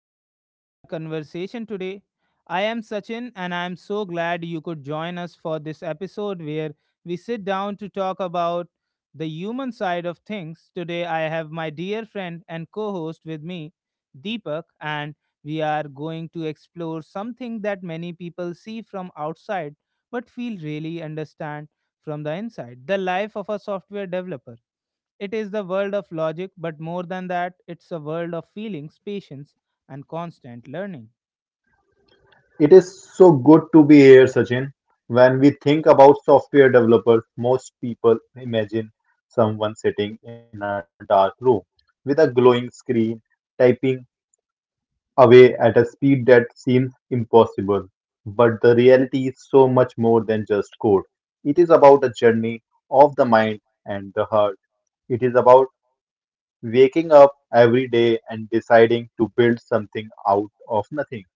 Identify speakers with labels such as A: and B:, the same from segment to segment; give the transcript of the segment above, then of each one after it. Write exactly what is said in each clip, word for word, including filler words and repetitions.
A: everyone to our conversation today. I am Sachin and I am so glad you could join us for this episode where we sit down to talk about the human side of things. Today I have my dear friend and co-host with me, Deepak, and we are going to explore something that many people see from outside but feel really understand from the inside, the life of a software developer. It is the world of logic, but more than that, it's a world of feelings, patience, and constant learning.
B: It is so good to be here, Sachin. When we think about software developers, most people imagine someone sitting in a dark room with a glowing screen, typing away at a speed that seems impossible. But the reality is so much more than just code. It is about a journey of the mind and the heart. It is about waking up every day and deciding to build something out of nothing.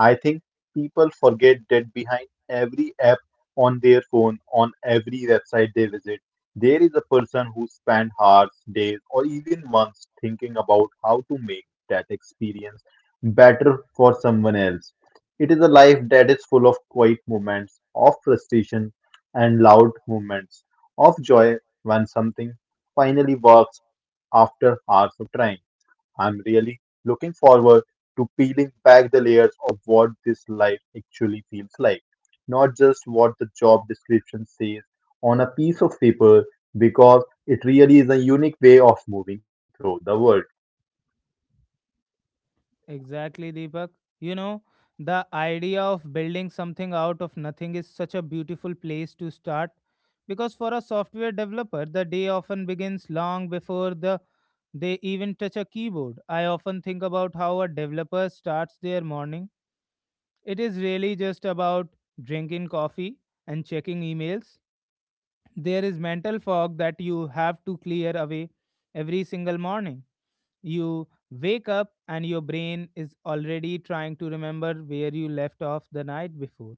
B: I think people forget that behind every app on their phone, on every website they visit, there is a person who spent hours, days, or even months thinking about how to make that experience better for someone else. It is a life that is full of quiet moments, of frustration, and loud moments, of joy when something finally works after hours of trying. I'm really looking forward to peeling back the layers of what this life actually feels like, not just what the job description says on a piece of paper, because it really is a unique way of moving through the world.
A: Exactly, Deepak. You know, the idea of building something out of nothing is such a beautiful place to start because for a software developer, the day often begins long before the they even touch a keyboard. I often think about how a developer starts their morning. It is really just about drinking coffee and checking emails. There is mental fog that you have to clear away every single morning. You wake up and your brain is already trying to remember where you left off the night before.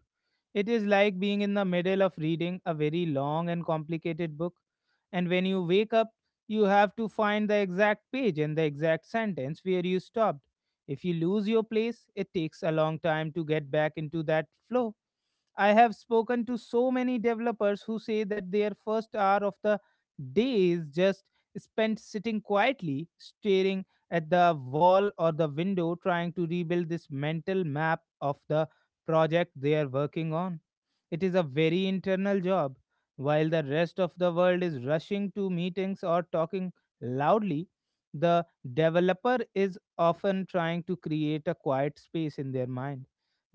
A: It is like being in the middle of reading a very long and complicated book, and when you wake up, you have to find the exact page and the exact sentence where you stopped. If you lose your place, it takes a long time to get back into that flow. I have spoken to so many developers who say that their first hour of the day is just spent sitting quietly, staring at the wall or the window, trying to rebuild this mental map of the project they are working on. It is a very internal job. While the rest of the world is rushing to meetings or talking loudly, the developer is often trying to create a quiet space in their mind.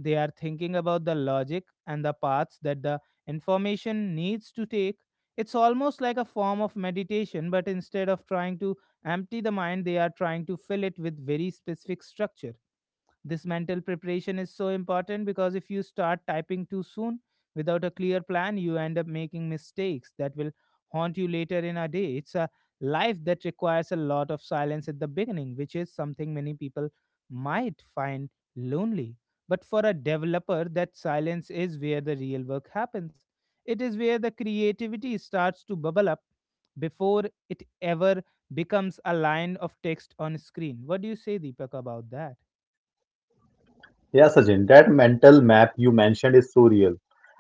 A: They are thinking about the logic and the paths that the information needs to take. It's almost like a form of meditation, but instead of trying to empty the mind, they are trying to fill it with very specific structure. This mental preparation is so important because if you start typing too soon without a clear plan, you end up making mistakes that will haunt you later in a day. It's a life that requires a lot of silence at the beginning, which is something many people might find lonely. But for a developer, that silence is where the real work happens. It is where the creativity starts to bubble up before it ever becomes a line of text on screen. What do you say, Deepak, about that?
B: Yeah, Sachin, that mental map you mentioned is so real,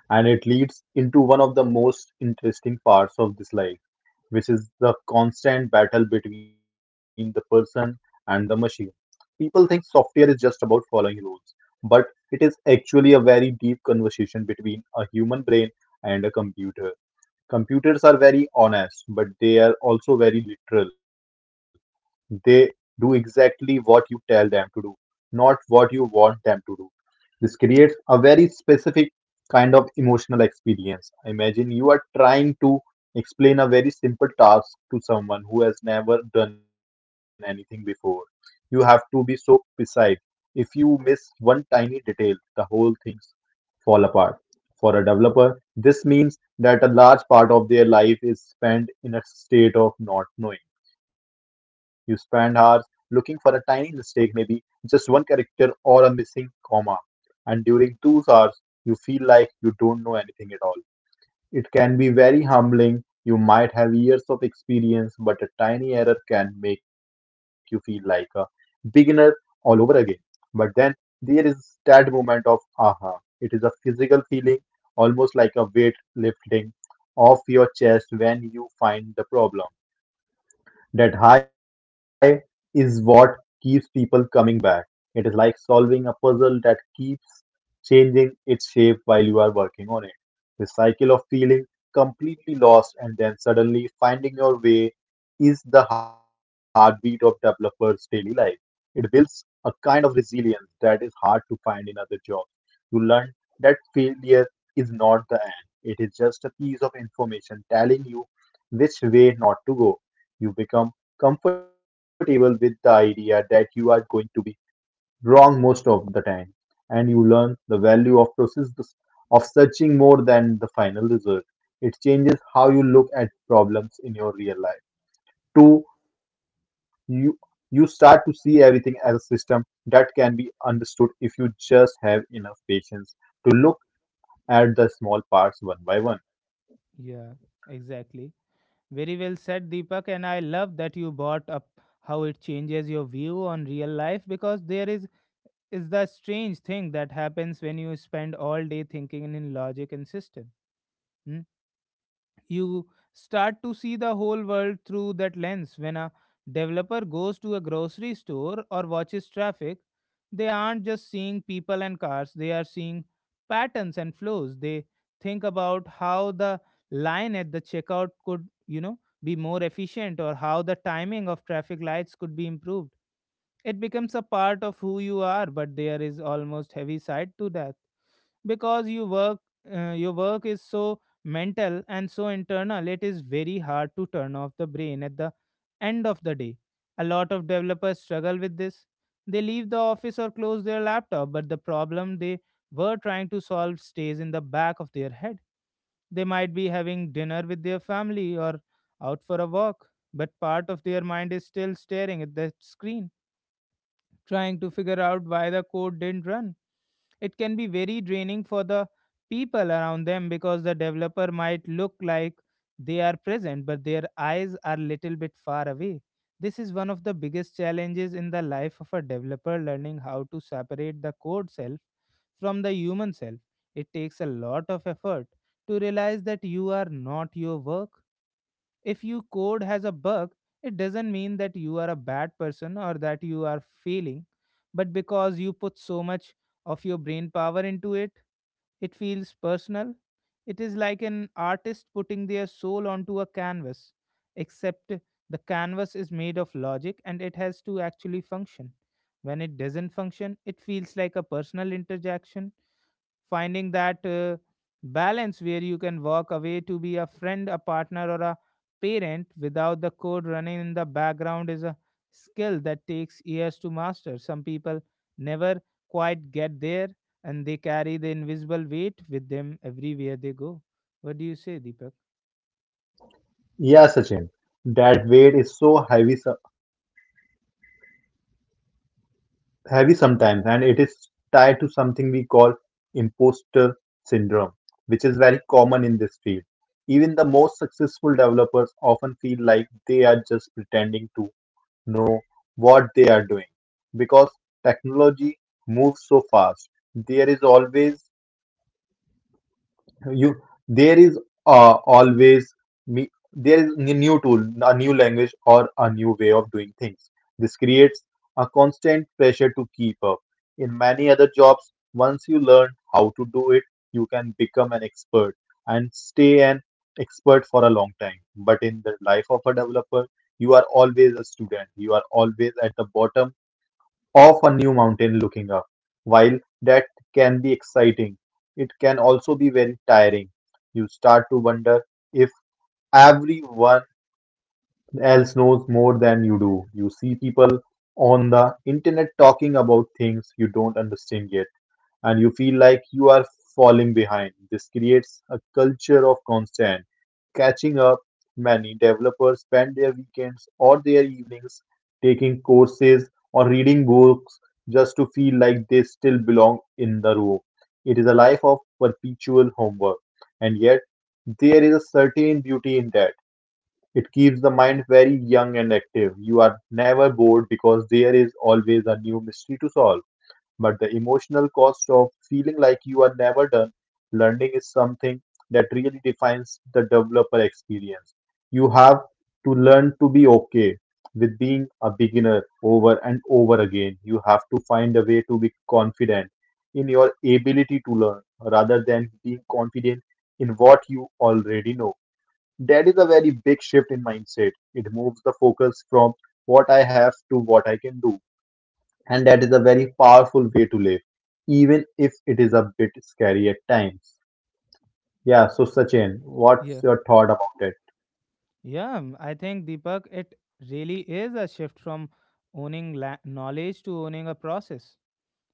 B: and it leads into one of the most interesting parts of this life, which is the constant battle between the person and the machine. People think software is just about following rules, but it is actually a very deep conversation between a human brain and a computer. Computers are very honest, but they are also very literal. They do exactly what you tell them to do, not what you want them to do. This creates a very specific kind of emotional experience. Imagine you are trying to explain a very simple task to someone who has never done anything before. You have to be so precise. If you miss one tiny detail, the whole things fall apart. For a developer, this means that a large part of their life is spent in a state of not knowing. You spend hours looking for a tiny mistake, maybe just one character or a missing comma, and during those hours, you feel like you don't know anything at all. It can be very humbling. You might have years of experience, but a tiny error can make you feel like a beginner all over again. But then there is that moment of aha. It is a physical feeling, almost like a weight lifting off your chest when you find the problem. That high is what keeps people coming back. It is like solving a puzzle that keeps changing its shape while you are working on it. The cycle of feeling completely lost and then suddenly finding your way is the heartbeat of developers' daily life. It builds a kind of resilience that is hard to find in other jobs. You learn that failure is not the end. It is just a piece of information telling you which way not to go you become comfortable with the idea that you are going to be wrong most of the time, and you learn the value of process, of searching more than the final result. It changes how you look at problems in your real life. Two, you you start to see everything as a system that can be understood if you just have enough patience to look at the small parts one by one.
A: Yeah, exactly. Very well said, Deepak. And I love that you brought up how it changes your view on real life because there is is the strange thing that happens when you spend all day thinking in logic and system. Hmm? You start to see the whole world through that lens. When a developer goes to a grocery store or watches traffic, they aren't just seeing people and cars, they are seeing patterns and flows. They think about how the line at the checkout could, you know, be more efficient or how the timing of traffic lights could be improved. It becomes a part of who you are, but there is almost heavy side to that because you work uh, your work is so mental and so internal. It is very hard to turn off the brain at the end of the day. A lot of developers struggle with this. They leave the office or close their laptop, but the problem they were trying to solve stays in the back of their head. They might be having dinner with their family or out for a walk, but part of their mind is still staring at the screen, trying to figure out why the code didn't run. It can be very draining for the people around them because the developer might look like they are present, but their eyes are little bit far away. This is one of the biggest challenges in the life of a developer learning how to separate the code self from the human self. It takes a lot of effort to realize that you are not your work. If your code has a bug, it doesn't mean that you are a bad person or that you are failing, but because you put so much of your brain power into it, it feels personal. It is like an artist putting their soul onto a canvas, except the canvas is made of logic and it has to actually function. When it doesn't function, it feels like a personal interjection. Finding that uh, balance where you can walk away to be a friend, a partner, or a parent without the code running in the background is a skill that takes years to master. Some people never quite get there and they carry the invisible weight with them everywhere they go. What do you say, Deepak?
B: Yeah, Sachin, that weight is so heavy, so- heavy sometimes, and it is tied to something we call imposter syndrome, which is very common in this field. Even the most successful developers often feel like they are just pretending to know what they are doing, because technology moves so fast. There is always you there is uh, always me there is a new tool, a new language, or a new way of doing things. This creates a constant pressure to keep up. In many other jobs, once you learn how to do it, you can become an expert and stay an expert for a long time. But in the life of a developer, you are always a student. You are always at the bottom of a new mountain looking up. While that can be exciting, it can also be very tiring. You start to wonder if everyone else knows more than you do. You see people on the internet talking about things you don't understand yet, and you feel like you are falling behind. This creates a culture of constant catching up. Many developers spend their weekends or their evenings taking courses or reading books just to feel like they still belong in the room. It is a life of perpetual homework, and yet there is a certain beauty in that. It keeps the mind very young and active. You are never bored, because there is always a new mystery to solve. But the emotional cost of feeling like you are never done learning is something that really defines the developer experience. You have to learn to be okay with being a beginner over and over again. You have to find a way to be confident in your ability to learn rather than being confident in what you already know. That is a very big shift in mindset. It moves the focus from what I have to what I can do. And that is a very powerful way to live, even if it is a bit scary at times. Yeah, so Sachin, what's
A: Yeah.
B: your thought about it?
A: Yeah, um, I think Deepak, it really is a shift from owning la- knowledge to owning a process.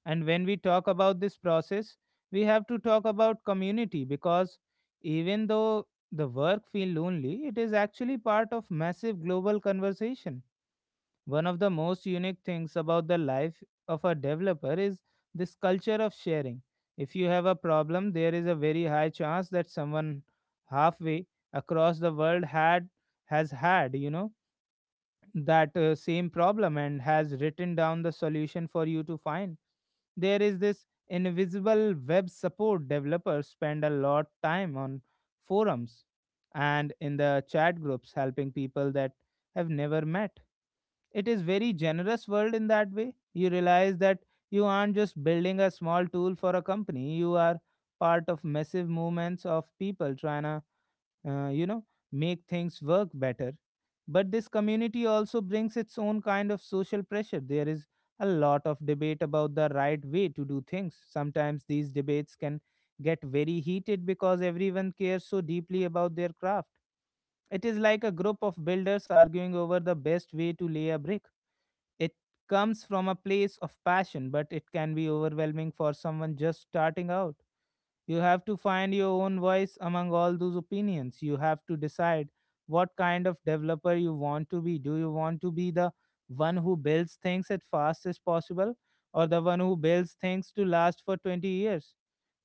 A: And when we talk about this process, we have to talk about community because even though the work feel lonely, it is actually part of massive global conversation. One of the most unique things about the life of a developer is this culture of sharing. If you have a problem, there is a very high chance that someone halfway across the world had has had, you know that uh, same problem and has written down the solution for you to find. There is this invisible web support. Developers spend a lot time on forums and in the chat groups helping people that have never met. It is very generous world in that way. You realize that you aren't just building a small tool for a company, you are part of massive movements of people trying to uh, you know make things work better. But this community also brings its own kind of social pressure. There is a lot of debate about the right way to do things. Sometimes these debates can get very heated because everyone cares so deeply about their craft. It is like a group of builders arguing over the best way to lay a brick. It comes from a place of passion, but it can be overwhelming for someone just starting out. You have to find your own voice among all those opinions. You have to decide what kind of developer you want to be. Do you want to be the one who builds things as fast as possible or the one who builds things to last for twenty years?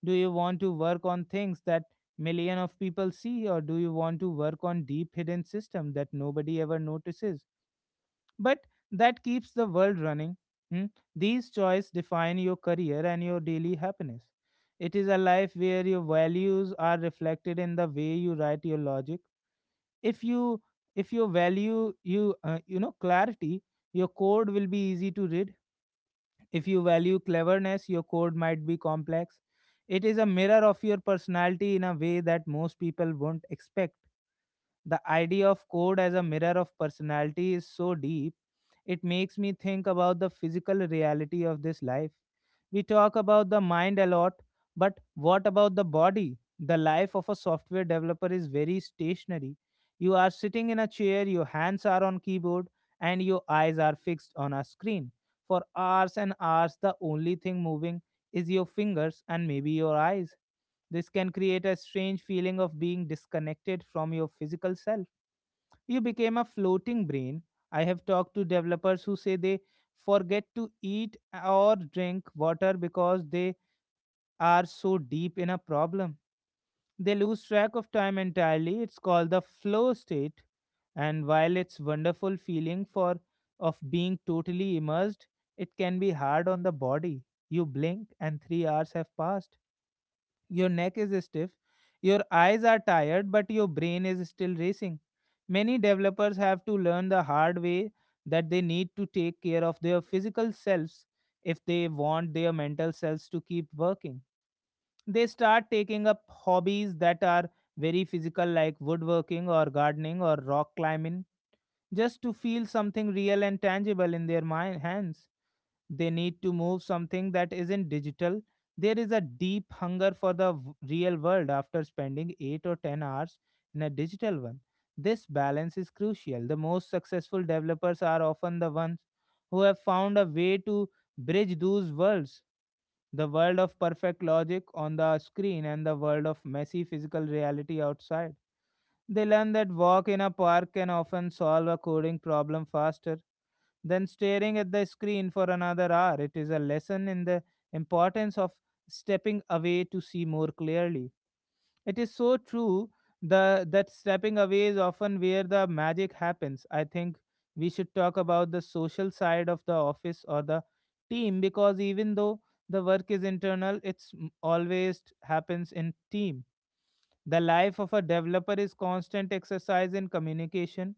A: Do you want to work on things that million of people see or do you want to work on deep hidden system that nobody ever notices but that keeps the world running? Hmm? These choices define your career and your daily happiness. It is a life where your values are reflected in the way you write your logic. If you if you value you uh, you know clarity, your code will be easy to read. If you value cleverness, your code might be complex. It is a mirror of your personality in a way that most people won't expect. The idea of code as a mirror of personality is so deep, it makes me think about the physical reality of this life. We talk about the mind a lot, but what about the body? The life of a software developer is very stationary. You are sitting in a chair, your hands are on keyboard, and your eyes are fixed on a screen. For hours and hours, the only thing moving is your fingers and maybe your eyes. This can create a strange feeling of being disconnected from your physical self. You became a floating brain. I have talked to developers who say they forget to eat or drink water because they are so deep in a problem. They lose track of time entirely. It's called the flow state. And while it's wonderful feeling for of being totally immersed, it can be hard on the body. You blink and three hours have passed. Your neck is stiff, your eyes are tired, but your brain is still racing. Many developers have to learn the hard way that they need to take care of their physical selves if they want their mental selves to keep working. They start taking up hobbies that are very physical, like woodworking or gardening or rock climbing, just to feel something real and tangible in their mind, hands. They need to move something that isn't digital. There is a deep hunger for the v- real world after spending eight or ten hours in a digital one. This balance is crucial. The most successful developers are often the ones who have found a way to bridge those worlds, the world of perfect logic on the screen and the world of messy physical reality outside. They learn that walk in a park can often solve a coding problem faster than staring at the screen for another hour. It is a lesson in the importance of stepping away to see more clearly. It is so true, the, that stepping away is often where the magic happens. I think we should talk about the social side of the office or the team, because even though the work is internal, it's m- always happens in team. The life of a developer is constant exercise in communication.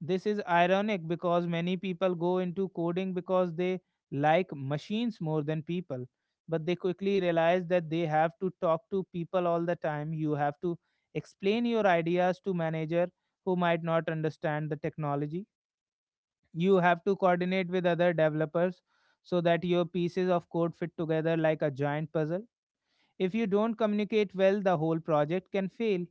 A: This is ironic because many people go into coding because they like machines more than people. But they quickly realize that they have to talk to people all the time. You have to explain your ideas to manager who might not understand the technology. You have to coordinate with other developers so that your pieces of code fit together like a giant puzzle. If you don't communicate well, the whole project can fail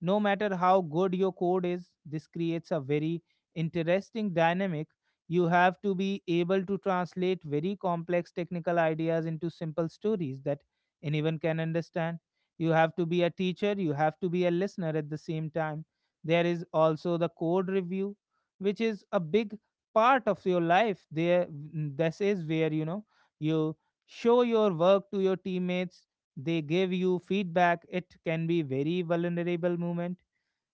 A: no matter how good your code is. This creates a very interesting dynamic. You have to be able to translate very complex technical ideas into simple stories that anyone can understand. You have to be a teacher, you have to be a listener at the same time. There is also the code review, which is a big part of your life. There, this is where you know you show your work to your teammates. They give you feedback. It can be very vulnerable moment.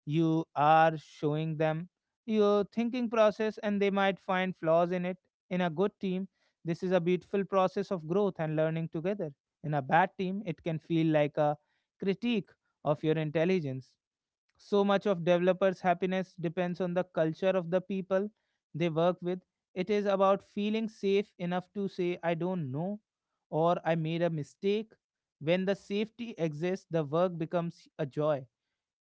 A: You are showing them your thinking process and they might find flaws in it. In a good team, this is a beautiful process of growth and learning together. In a bad team, it can feel like a critique of your intelligence. So much of developers' happiness depends on the culture of the people they work with. It is about feeling safe enough to say, I don't know, or I made a mistake. When the safety exists, the work becomes a joy.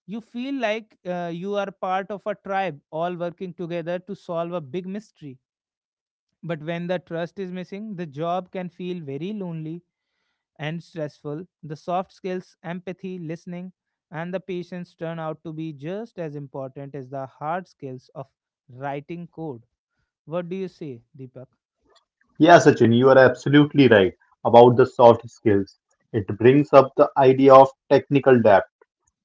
A: You feel like uh, you are part of a tribe, all working together to solve a big mystery. But when the trust is missing, the job can feel very lonely and stressful. The soft skills, empathy, listening, and the patience turn out to be just as important as the hard skills of writing code. What do you say, Deepak?
B: Yeah, Sachin, you are absolutely right about the soft skills. It brings up the idea of technical depth.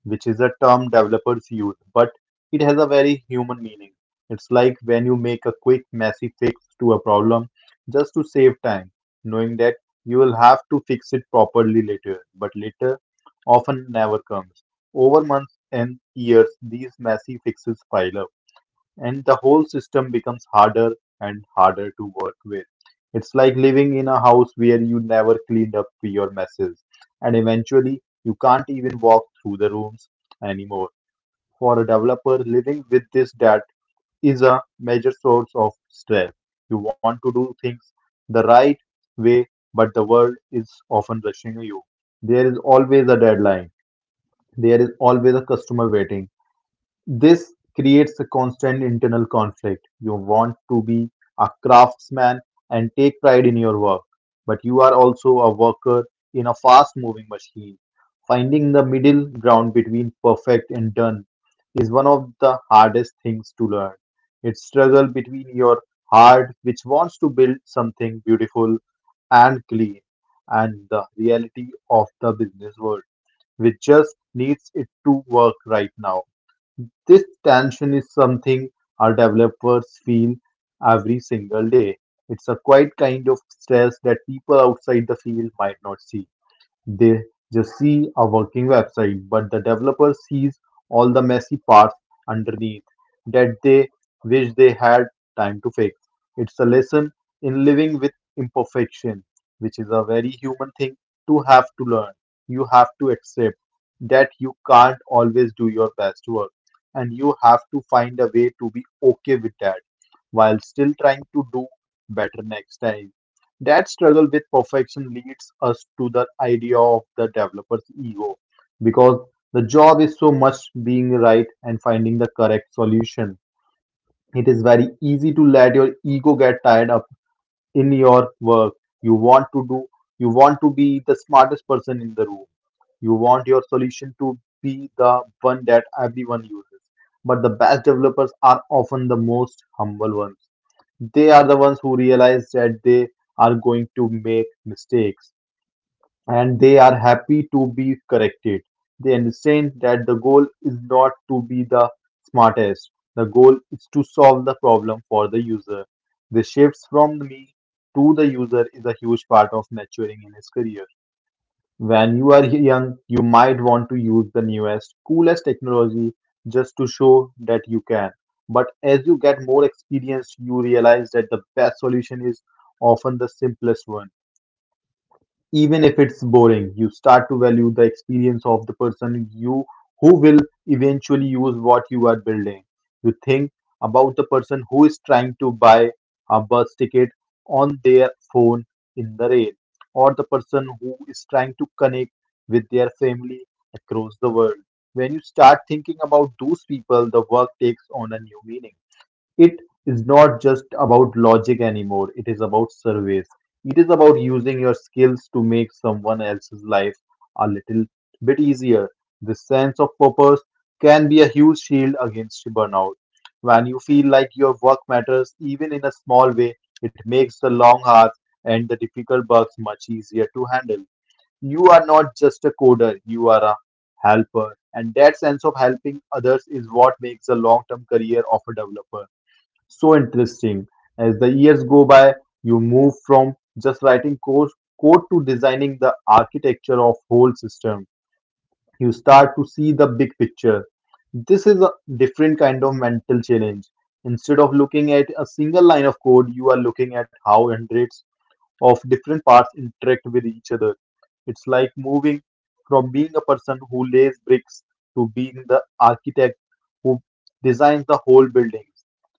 B: which is a term developers use, but it has a very human meaning. It's like when you make a quick, messy fix to a problem just to save time, knowing that you will have to fix it properly later, but later often never comes. Over months and years, these messy fixes pile up, and the whole system becomes harder and harder to work with. It's like living in a house where you never cleaned up your messes, and eventually you can't even walk through the rooms anymore. For a developer, living with this debt is a major source of stress. You want to do things the right way, but the world is often rushing you. There is always a deadline, there is always a customer waiting this creates a constant internal conflict. You want to be a craftsman and take pride in your work, but you are also a worker in a fast moving machine. Finding the middle ground between perfect and done is one of the hardest things to learn. It's struggle between your heart, which wants to build something beautiful and clean, and the reality of the business world, which just needs it to work right now. This tension is something our developers feel every single day. It's a quiet kind of stress that people outside the field might not see. They just see a working website, but the developer sees all the messy parts underneath that they wish they had time to fix. It's a lesson in living with imperfection, which is a very human thing to have to learn. You have to accept that you can't always do your best work, and you have to find a way to be okay with that while still trying to do better next time. That struggle with perfection leads us to the idea of the developer's ego, because the job is so much being right and finding the correct solution. It is very easy to let your ego get tied up in your work. You want to do, you want to be the smartest person in the room. You want your solution to be the one that everyone uses. But the best developers are often the most humble ones they are the ones who realize that they are going to make mistakes, and they are happy to be corrected. They understand that the goal is not to be the smartest; the goal is to solve the problem for the user. The shifts from me to the user is a huge part of maturing in his career. When you are young, you might want to use the newest, coolest technology just to show that you can. But as you get more experienced, you realize that the best solution is often the simplest one. Even if it's boring, you start to value the experience of the person you who will eventually use what you are building. You think about the person who is trying to buy a bus ticket on their phone in the rain, or the person who is trying to connect with their family across the world. When you start thinking about those people, the work takes on a new meaning. It is not just about logic anymore, it is about service. It is about using your skills to make someone else's life a little bit easier. This sense of purpose can be a huge shield against burnout. When you feel like your work matters, even in a small way, it makes the long hours and the difficult bugs much easier to handle. You are not just a coder, you are a helper. And that sense of helping others is what makes a long term career of a developer so interesting. As the years go by, you move from just writing code, code to designing the architecture of whole system. You start to see the big picture. This is a different kind of mental challenge. Instead of looking at a single line of code, you are looking at how hundreds of different parts interact with each other. It's like moving from being a person who lays bricks to being the architect who designs the whole building.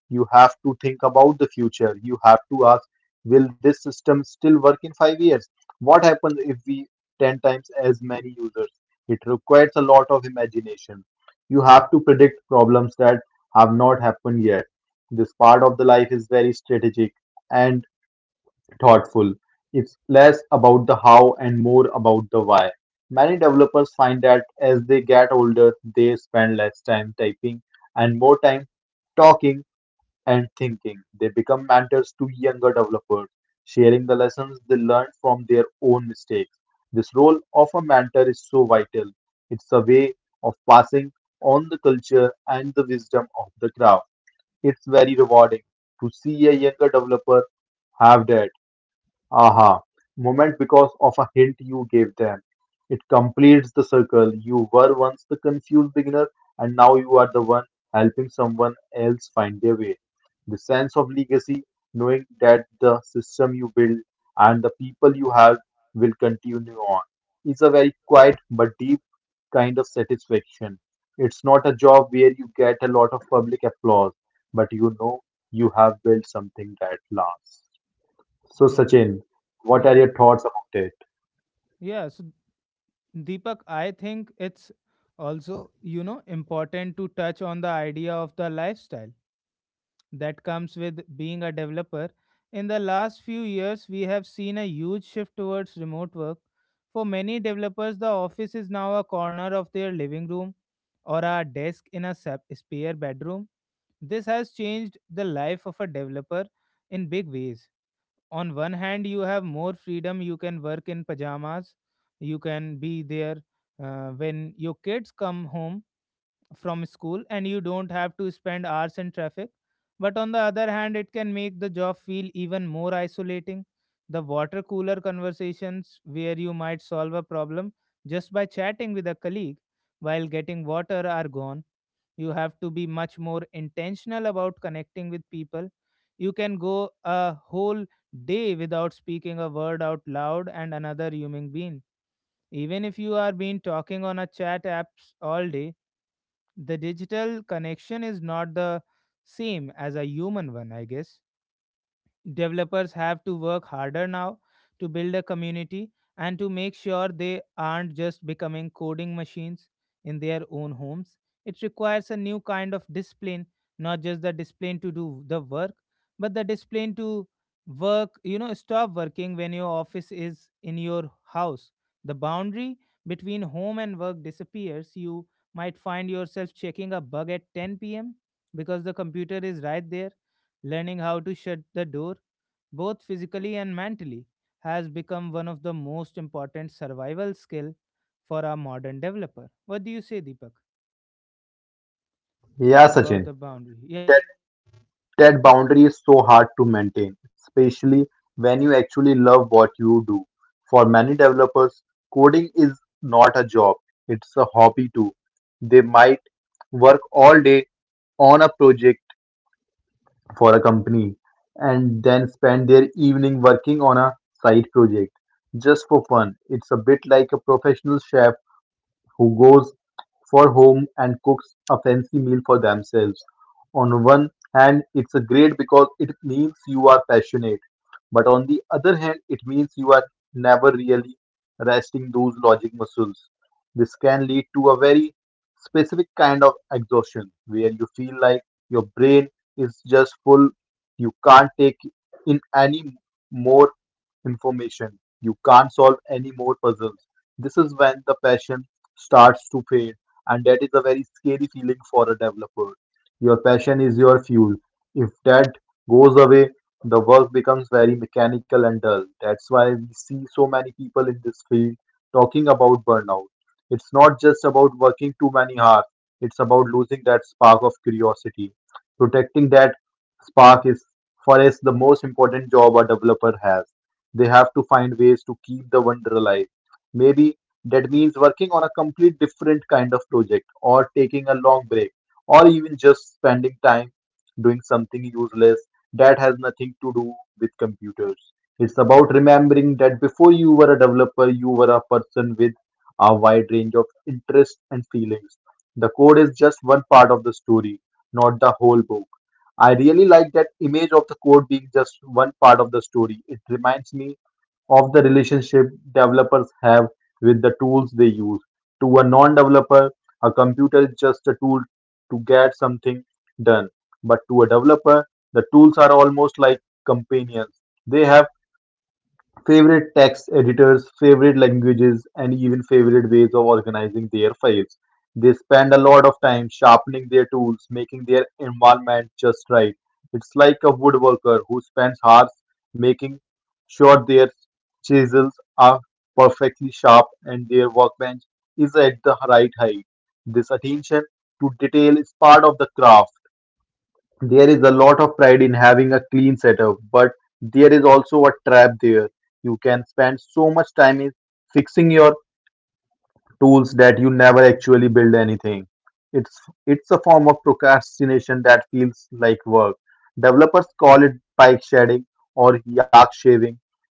B: You have to think about the future. You have to ask, will this system still work in five years? What happens if we ten times as many users? It requires a lot of imagination. You have to predict problems that have not happened yet. This part of the life is very strategic and thoughtful. It's less about the how and more about the why. Many developers find that as they get older, they spend less time typing and more time talking and thinking. They become mentors to younger developers, sharing the lessons they learned from their own mistakes. This role of a mentor is so vital. It's a way of passing on the culture and the wisdom of the craft. It's very rewarding to see a younger developer have that aha moment because of a hint you gave them. It completes the circle. You were once the confused beginner, and now you are the one helping someone else find their way. The sense of legacy, knowing that the system you build and the people you have will continue on, is a very quiet but deep kind of satisfaction. It's not a job where you get a lot of public applause, but you know you have built something that lasts. So,
A: Yeah,
B: Sachin, what are
A: yeah,
B: your thoughts about it?
A: yeah. So, Deepak, I think it's also, you know, important to touch on the idea of the lifestyle that comes with being a developer. In the last few years, we have seen a huge shift towards remote work. For many developers, the office is now a corner of their living room or a desk in a sep- spare bedroom. This has changed the life of a developer in big ways. On one hand, you have more freedom, you can work in pajamas, you can be there uh, when your kids come home from school and you don't have to spend hours in traffic. But on the other hand, it can make the job feel even more isolating. The water cooler conversations, where you might solve a problem just by chatting with a colleague while getting water, are gone. You have to be much more intentional about connecting with people. You can go a whole day without speaking a word out loud and another human being. Even if you are been talking on a chat apps all day, the digital connection is not the same as a human one, I guess. Developers have to work harder now to build a community and to make sure they aren't just becoming coding machines in their own homes. It requires a new kind of discipline, not just the discipline to do the work, but the discipline to work, you know, stop working when your office is in your house. The boundary between home and work disappears. You might find yourself checking a bug at ten p m because the computer is right there. Learning how to shut the door, both physically and mentally, has become one of the most important survival skill for a modern developer. What do you say, Deepak,
B: Yeah,
A: about
B: Sachin,
A: the boundary? Yeah,
B: that that boundary is so hard to maintain, especially when you actually love what you do. For many developers, coding is not a job; it's a hobby too. They might work all day on a project for a company and then spend their evening working on a side project just for fun. It's a bit like a professional chef who goes for home and cooks a fancy meal for themselves. On one hand, it's a great because it means you are passionate, but on the other hand, it means you are never really resting those logic muscles. This can lead to a very specific kind of exhaustion where you feel like your brain is just full, you can't take in any more information, you can't solve any more puzzles. This is when the passion starts to fade, and that is a very scary feeling for a developer. Your passion is your fuel. If that goes away, the work becomes very mechanical and dull. That's why we see so many people in this field talking about burnout. It's not just about working too many hours, it's about losing that spark of curiosity. Protecting that spark is, for us, the most important job a developer has. They have to find ways to keep the wonder alive. Maybe that means working on a complete different kind of project, or taking a long break, or even just spending time doing something useless that has nothing to do with computers. It's about remembering that before you were a developer, you were a person with a wide range of interests and feelings. The code is just one part of the story, not the whole book. I really like that image of the code being just one part of the story. It reminds me of the relationship developers have with the tools they use. To a non developer, a computer is just a tool to get something done. But to a developer, the tools are almost like companions. They have favorite text editors, favorite languages, and even favorite ways of organizing their files. They spend a lot of time sharpening their tools, making their environment just right. It's like a woodworker who spends hours making sure their chisels are perfectly sharp and their workbench is at the right height. This attention to detail is part of the craft. There is a lot of pride in having a clean setup, but there is also a trap there. You can spend so much time in fixing your tools that you never actually build anything. It's it's a form of procrastination that feels like work. Developers call it bike shedding or yak shaving,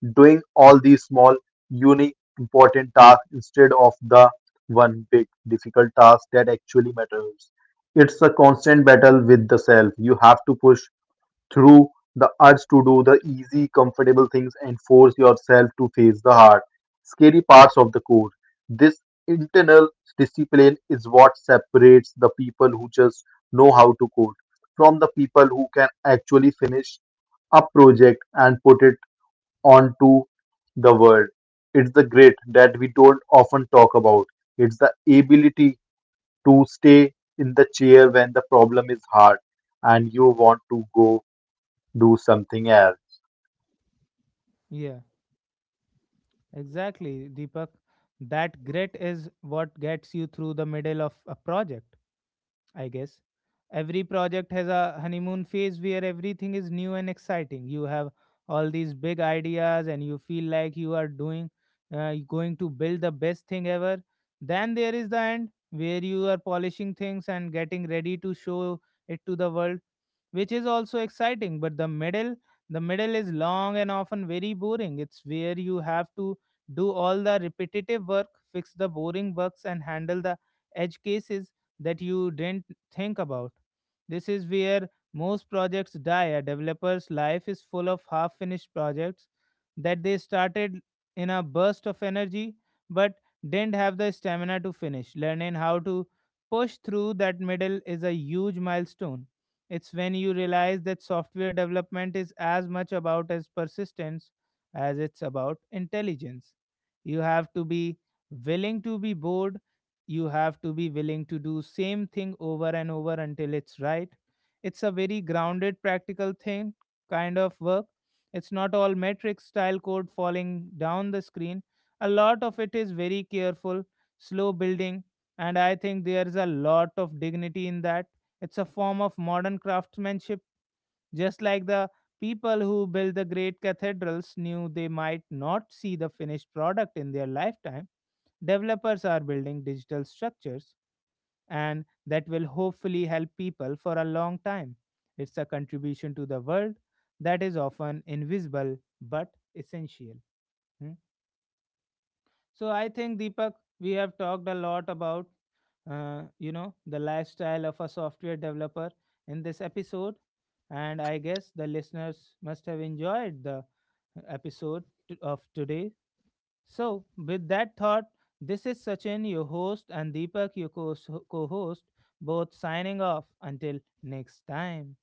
B: doing all these small, uni important tasks instead of the one big difficult task that actually matters. It's a constant battle with the self. You have to push through the urge to do the easy, comfortable things and force yourself to face the hard, scary parts of the course. This internal discipline is what separates the people who just know how to code from the people who can actually finish a project and put it onto the world. It's the grit that we don't often talk about. It's the ability to stay in the chair when the problem is hard and you want to go do something else.
A: yeah, exactly, Deepak. That grit is what gets you through the middle of a project, I guess. Every project has a honeymoon phase where everything is new and exciting. You have all these big ideas and you feel like you are doing, uh, going to build the best thing ever. Then there is the end where you are polishing things and getting ready to show it to the world, which is also exciting. But the middle, the middle is long and often very boring. It's where you have to do all the repetitive work, fix the boring bugs, and handle the edge cases that you didn't think about. This is where most projects die. A developer's life is full of half finished projects that they started in a burst of energy but didn't have the stamina to finish. Learning how to push through that middle is a huge milestone. It's when you realize that software development is as much about as persistence as it's about intelligence. You have to be willing to be bored. You have to be willing to do same thing over and over until it's right. It's a very grounded, practical thing kind of work. It's not all matrix style code falling down the screen. A lot of it is very careful, slow building, and I think there's a lot of dignity in that. It's a form of modern craftsmanship. Just like the people who built the great cathedrals knew they might not see the finished product in their lifetime, developers are building digital structures and that will hopefully help people for a long time. It's a contribution to the world that is often invisible but essential. Hmm. So I think, Deepak, we have talked a lot about uh, you know, the lifestyle of a software developer in this episode. And I guess the listeners must have enjoyed the episode t- of today. So, with that thought, this is Sachin, your host, and Deepak, your co host, both signing off until next time.